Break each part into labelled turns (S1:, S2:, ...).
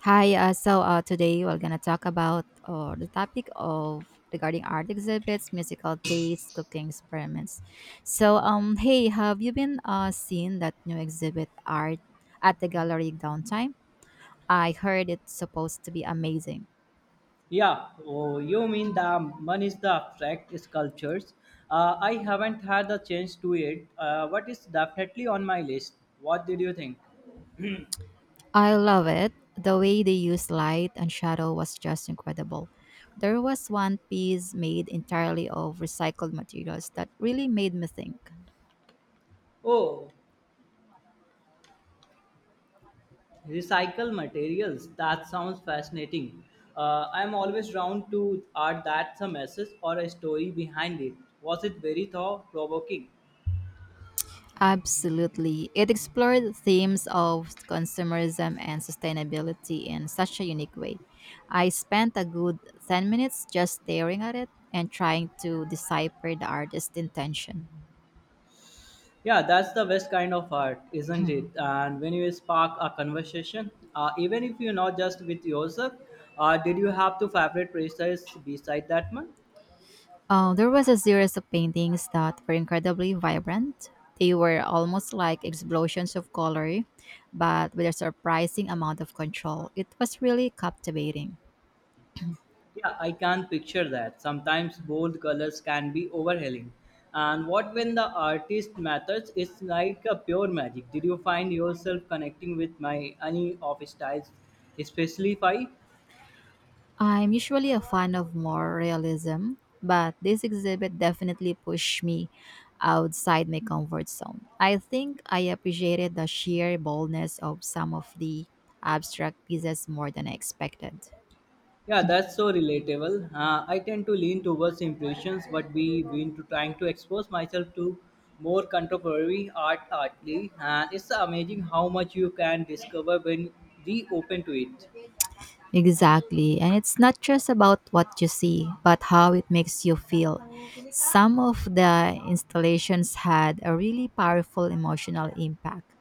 S1: Hi, today we're gonna talk about the topic of regarding art exhibits, musical taste, cooking experiments. Hey, have you been seeing that new exhibit art at the gallery downtime? I heard it's supposed to be amazing.
S2: Yeah, oh, you mean the one is the abstract sculptures. I haven't had the chance to it. What is definitely on my list? What did you think?
S1: I love it. The way they used light and shadow was just incredible. There was one piece made entirely of recycled materials that really made me think.
S2: Oh, recycle materials. That sounds fascinating. I'm always drawn to art that's a message or a story behind it. Was it very thought provoking?
S1: Absolutely. It explored themes of consumerism and sustainability in such a unique way. I spent a good 10 minutes just staring at it and trying to decipher the artist's intention.
S2: Yeah, that's the best kind of art, isn't it? And when you spark a conversation, even if you're not just with yourself, did you have to favorite precise beside that one?
S1: There was a series of paintings that were incredibly vibrant. They were almost like explosions of color, but with a surprising amount of control. It was really captivating.
S2: Yeah, I can picture that. Sometimes bold colors can be overwhelming. And what when the artist matters, it's like a pure magic. Did you find yourself connecting with my any of styles, especially five?
S1: I'm usually a fan of more realism, but this exhibit definitely pushed me outside my comfort zone. I think I appreciated the sheer boldness of some of the abstract pieces more than I expected.
S2: Yeah, that's so relatable. I tend to lean towards impressions, but we been to trying to expose myself to more contemporary art artly, and it's amazing how much you can discover when reopen to it.
S1: Exactly. And it's not just about what you see, but how it makes you feel. Some of the installations had a really powerful emotional impact.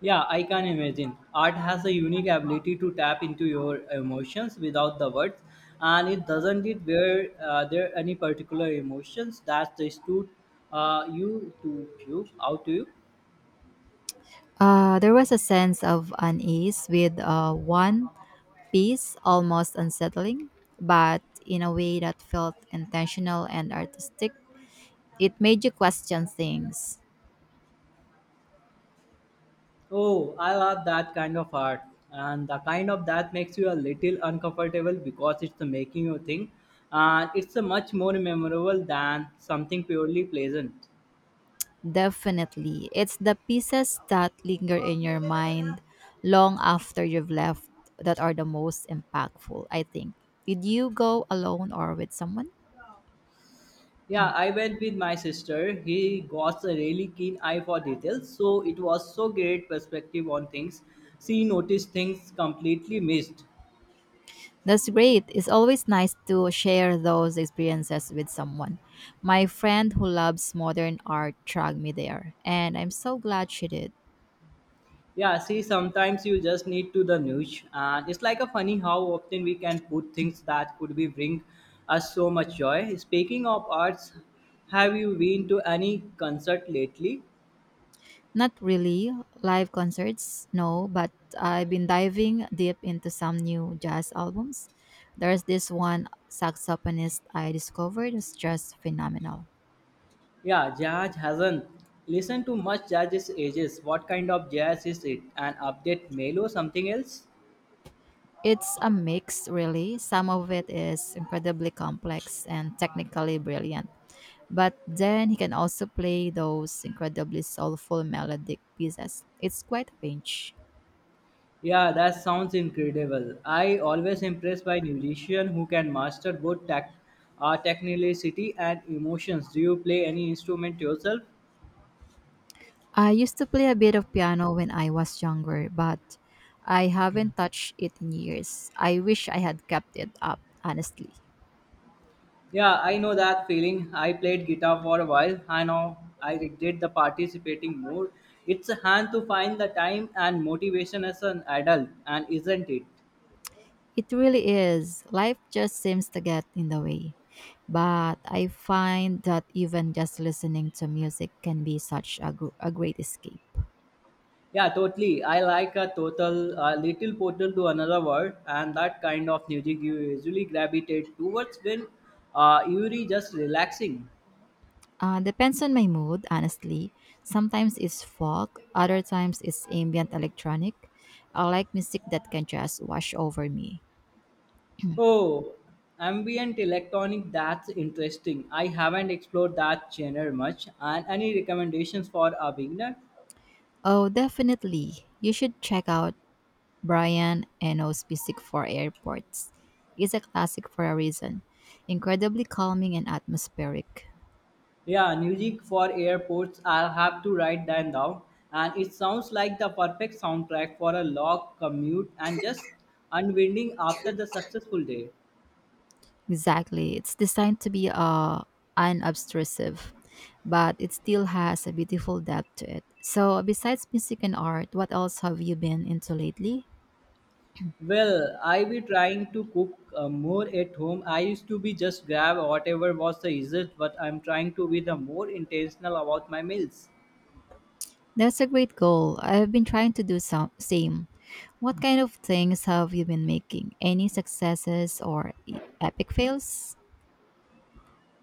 S2: Yeah, I can imagine. Art has a unique ability to tap into your emotions without the words, and it doesn't it where there are any particular emotions that they stood you to you out to you.
S1: There was a sense of unease with one piece, almost unsettling, but in a way that felt intentional and artistic. It made you question things.
S2: Oh, I love that kind of art and the kind of that makes you a little uncomfortable because it's the making you think and it's a much more memorable than something purely pleasant.
S1: Definitely. It's the pieces that linger in your mind long after you've left that are the most impactful, I think. Did you go alone or with someone?
S2: Yeah, I went with my sister. He got a really keen eye for details, so it was so great perspective on things. She noticed things completely missed.
S1: That's great. It's always nice to share those experiences with someone. My friend who loves modern art dragged me there, and I'm so glad she did.
S2: Yeah, see, sometimes you just need to the news, and it's like a funny how often we can put things that could be bring us so much joy. Speaking of arts, have you been to any concert lately?
S1: Not really live concerts, no, but I've been diving deep into some new jazz albums. There's this one saxophonist I discovered is just phenomenal.
S2: Yeah, jazz hasn't listened to much jazz is ages. What kind of jazz is it? An update mail or something else?
S1: It's a mix, really. Some of it is incredibly complex and technically brilliant, but then he can also play those incredibly soulful melodic pieces. It's quite a range.
S2: Yeah, that sounds incredible. I always impressed by musicians who can master both tech, technicality and emotions. Do you play any instrument yourself?
S1: I used to play a bit of piano when I was younger, but I haven't touched it in years. I wish I had kept it up, honestly.
S2: Yeah, I know that feeling. I played guitar for a while. I know I regret the participating more. It's a hand to find the time and motivation as an adult, and isn't it?
S1: It really is. Life just seems to get in the way. But I find that even just listening to music can be such a great escape.
S2: Yeah, totally. I like a total, a little portal to another world, and that kind of music you usually gravitate towards when you're just relaxing.
S1: Depends on my mood, honestly. Sometimes it's folk, other times it's ambient electronic. I like music that can just wash over me.
S2: Oh, ambient electronic, that's interesting. I haven't explored that genre much. And any recommendations for a beginner?
S1: Oh, definitely. You should check out Brian Eno's Music for Airports. It's a classic for a reason. Incredibly calming and atmospheric.
S2: Yeah, music for airports. I'll have to write that down. And it sounds like the perfect soundtrack for a long commute and just unwinding after the successful day.
S1: Exactly. It's designed to be unobtrusive, but it still has a beautiful depth to it. So, besides music and art, what else have you been into lately?
S2: Well, I be trying to cook more at home. I used to be just grab whatever was the easiest, but I'm trying to be the more intentional about my meals.
S1: That's a great goal. I've been trying to do some same. What kind of things have you been making? Any successes or epic fails?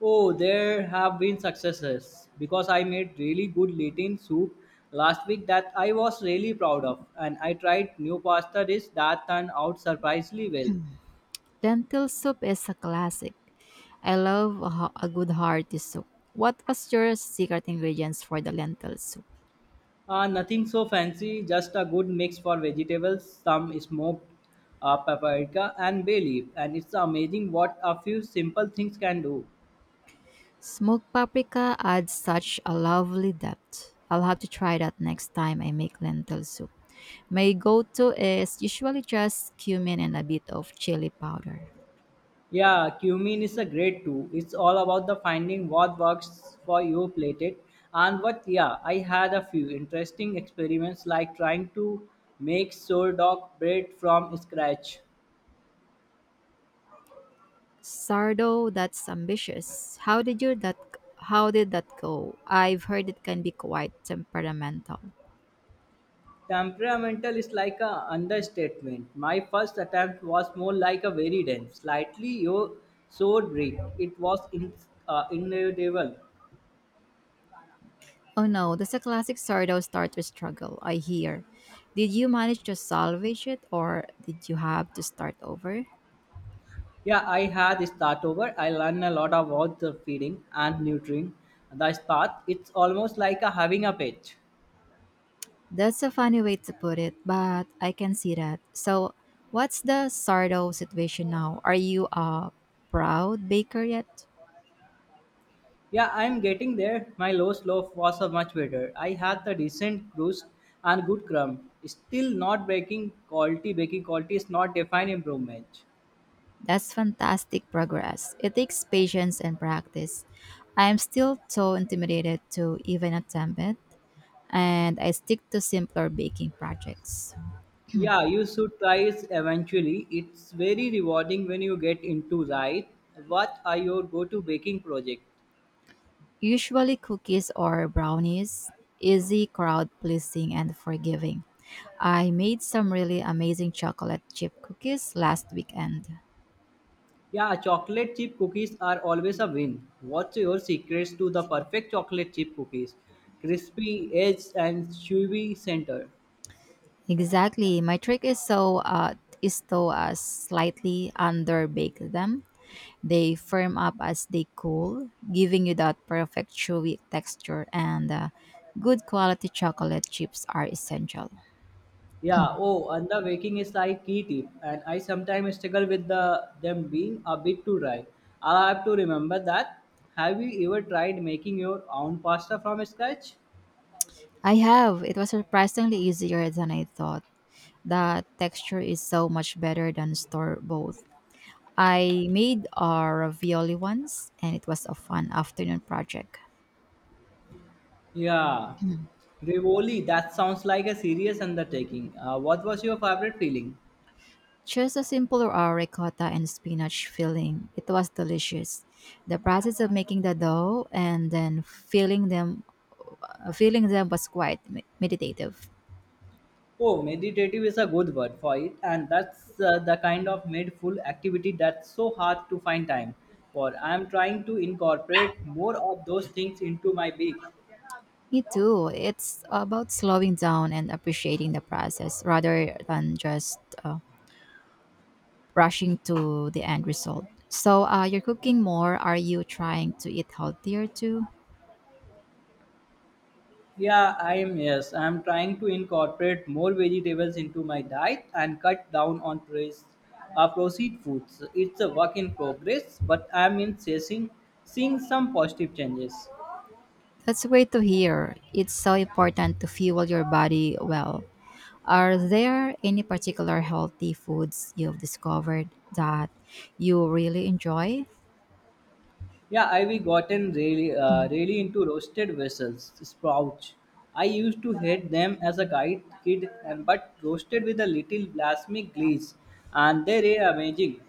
S2: Oh, there have been successes because I made really good Latin soup last week that I was really proud of, and I tried new pasta dish that turned out surprisingly well.
S1: Lentil soup is a classic. I love a good hearty soup. What was your secret ingredients for the lentil soup?
S2: Nothing so fancy, just a good mix for vegetables, some smoked paprika, and bay leaf, and it's amazing what a few simple things can do.
S1: Smoked paprika adds such a lovely depth. I'll have to try that next time I make lentil soup. My go to is usually just cumin and a bit of chili powder.
S2: Yeah, cumin is a great too. It's all about the finding what works for your plated and what. Yeah, I had a few interesting experiments like trying to make sourdough bread from scratch.
S1: Sardo, that's ambitious. How did that go? I've heard it can be quite temperamental.
S2: Temperamental is like a understatement. My first attempt was more like a very dense, sour bread. It was in, inedible.
S1: Oh no, that's a classic sourdough starter struggle, I hear. Did you manage to salvage it or did you have to start over?
S2: Yeah, I had a start over. I learned a lot about the feeding and nurturing the spot. It's almost like a having a pet.
S1: That's a funny way to put it, but I can see that. So, what's the sourdough situation now? Are you a proud baker yet?
S2: Yeah, I'm getting there. My low slope was a much better. I had the decent roost and good crumb. Still not breaking quality. Breaking quality is not defined improvement.
S1: That's fantastic progress. It takes patience and practice. I am still so intimidated to even attempt it, and I stick to simpler baking projects.
S2: Yeah, you should try it eventually. It's very rewarding when you get into right. What are your go-to baking project?
S1: Usually cookies or brownies, easy, crowd pleasing, and forgiving. I made some really amazing chocolate chip cookies last weekend.
S2: Yeah, chocolate chip cookies are always a win. What's your secrets to the perfect chocolate chip cookies? Crispy edge and chewy center.
S1: Exactly. My trick is to slightly underbake them. They firm up as they cool, giving you that perfect chewy texture, and good quality chocolate chips are essential.
S2: Yeah, oh, and the baking is like key tip, and I sometimes struggle with the them being a bit too dry. I'll have to remember that. Have you ever tried making your own pasta from scratch?
S1: I have. It was surprisingly easier than I thought. The texture is so much better than store bought. I made a ravioli once and it was a fun afternoon project.
S2: Yeah,
S1: Mm.
S2: Rivoli, that sounds like a serious undertaking. What was your favorite filling?
S1: Just a simple ricotta and spinach filling. It was delicious. The process of making the dough and then filling them was quite meditative.
S2: Oh, meditative is a good word for it, and that's the kind of mindful activity that's so hard to find time for. I'm trying to incorporate more of those things into my week.
S1: Me too. It's about slowing down and appreciating the process rather than just uh, rushing to the end result. So you're cooking more. Are you trying to eat healthier too?
S2: Yeah, I am. Yes, I'm trying to incorporate more vegetables into my diet and cut down on processed processed foods. It's a work in progress, but I'm in seeing some positive changes.
S1: That's great to hear. It's so important to fuel your body well. Are there any particular healthy foods you've discovered that you really enjoy?
S2: Yeah, I've gotten really, really into roasted vessels, sprouts. I used to hate them as a kid, and but roasted with a little balsamic glaze, and they are amazing.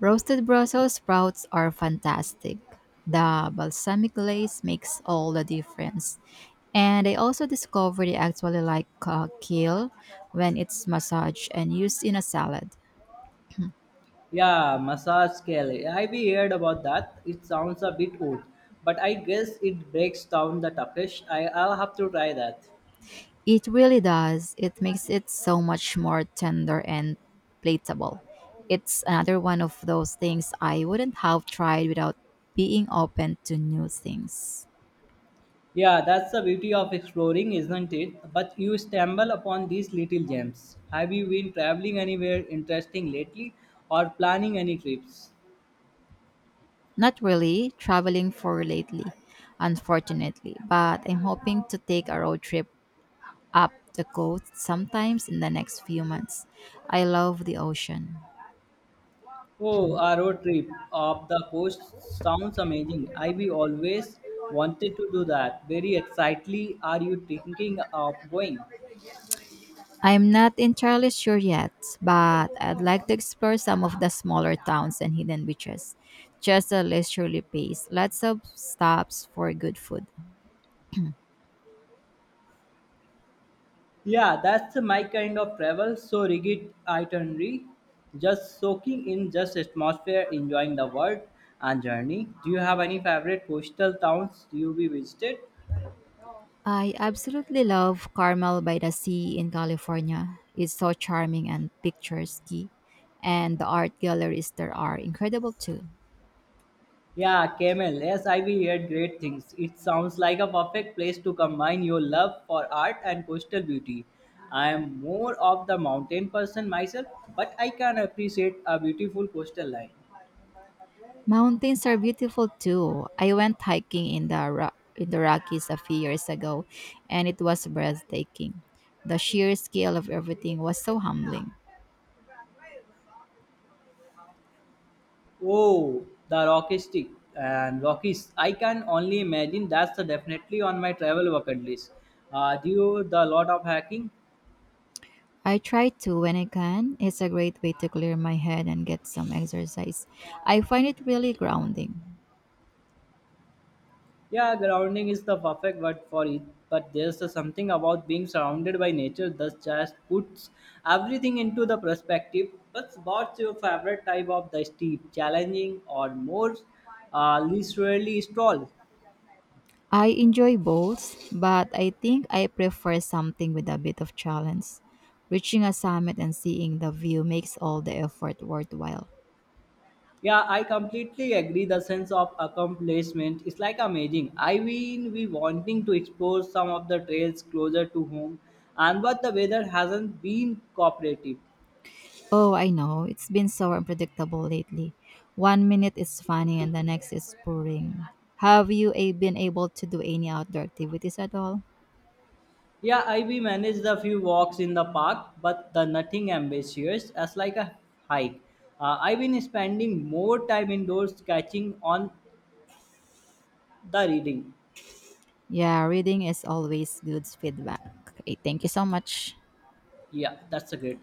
S1: Roasted Brussels sprouts are fantastic. The balsamic glaze makes all the difference. And I also discovered I actually like kale when it's massaged and used in a salad.
S2: Yeah, massage scale. I've heard about that. It sounds a bit odd, but I guess it breaks down the toughest. I'll have to try that.
S1: It really does. It makes it so much more tender and plateable. It's another one of those things I wouldn't have tried without being open to new things.
S2: Yeah, that's the beauty of exploring, isn't it? But you stumble upon these little gems. Have you been traveling anywhere interesting lately or planning any trips?
S1: Not really traveling for lately, unfortunately, but I'm hoping to take a road trip up the coast sometimes in the next few months. I love the ocean.
S2: Oh, a road trip of the coast sounds amazing. I we always wanted to do that. Very excitedly are you thinking of going?
S1: I'm not entirely sure yet, but I'd like to explore some of the smaller towns and hidden beaches. Just a leisurely pace, lots of stops for good food.
S2: Yeah, that's my kind of travel. So rigid itinerary, just soaking in just atmosphere, enjoying the world and journey. Do you have any favorite coastal towns you be visited?
S1: I absolutely love Carmel by the Sea in California. It's so charming and picturesque, and the art galleries there are incredible too.
S2: Yeah, Camel. Yes, I've heard great things. It sounds like a perfect place to combine your love for art and coastal beauty. I am more of the mountain person myself, but I can appreciate a beautiful coastal line.
S1: Mountains are beautiful too. I went hiking in in the Rockies a few years ago, and it was breathtaking. The sheer scale of everything was so humbling.
S2: Oh, the Rocky Stick and Rockies. I can only imagine that's the definitely on my travel bucket list. Do you the lot of hacking?
S1: I try to when I can. It's a great way to clear my head and get some exercise. I find it really grounding.
S2: Yeah, grounding is the perfect word for it. But there's a something about being surrounded by nature that just puts everything into the perspective. But what's your favorite type of the steep, challenging or more leisurely stroll?
S1: I enjoy both, but I think I prefer something with a bit of challenge. Reaching a summit and seeing the view makes all the effort worthwhile.
S2: Yeah, I completely agree. The sense of accomplishment is like amazing. I mean, we wanting to explore some of the trails closer to home, and but the weather hasn't been cooperative.
S1: Oh, I know, it's been so unpredictable lately. One minute is funny and the next is boring. Have you been able to do any outdoor activities at all?
S2: Yeah, I we managed a few walks in the park, but the nothing ambitious as like a hike. I've been spending more time indoors catching on the reading.
S1: Yeah, reading is always good feedback. Okay, thank you so much.
S2: Yeah, that's a great.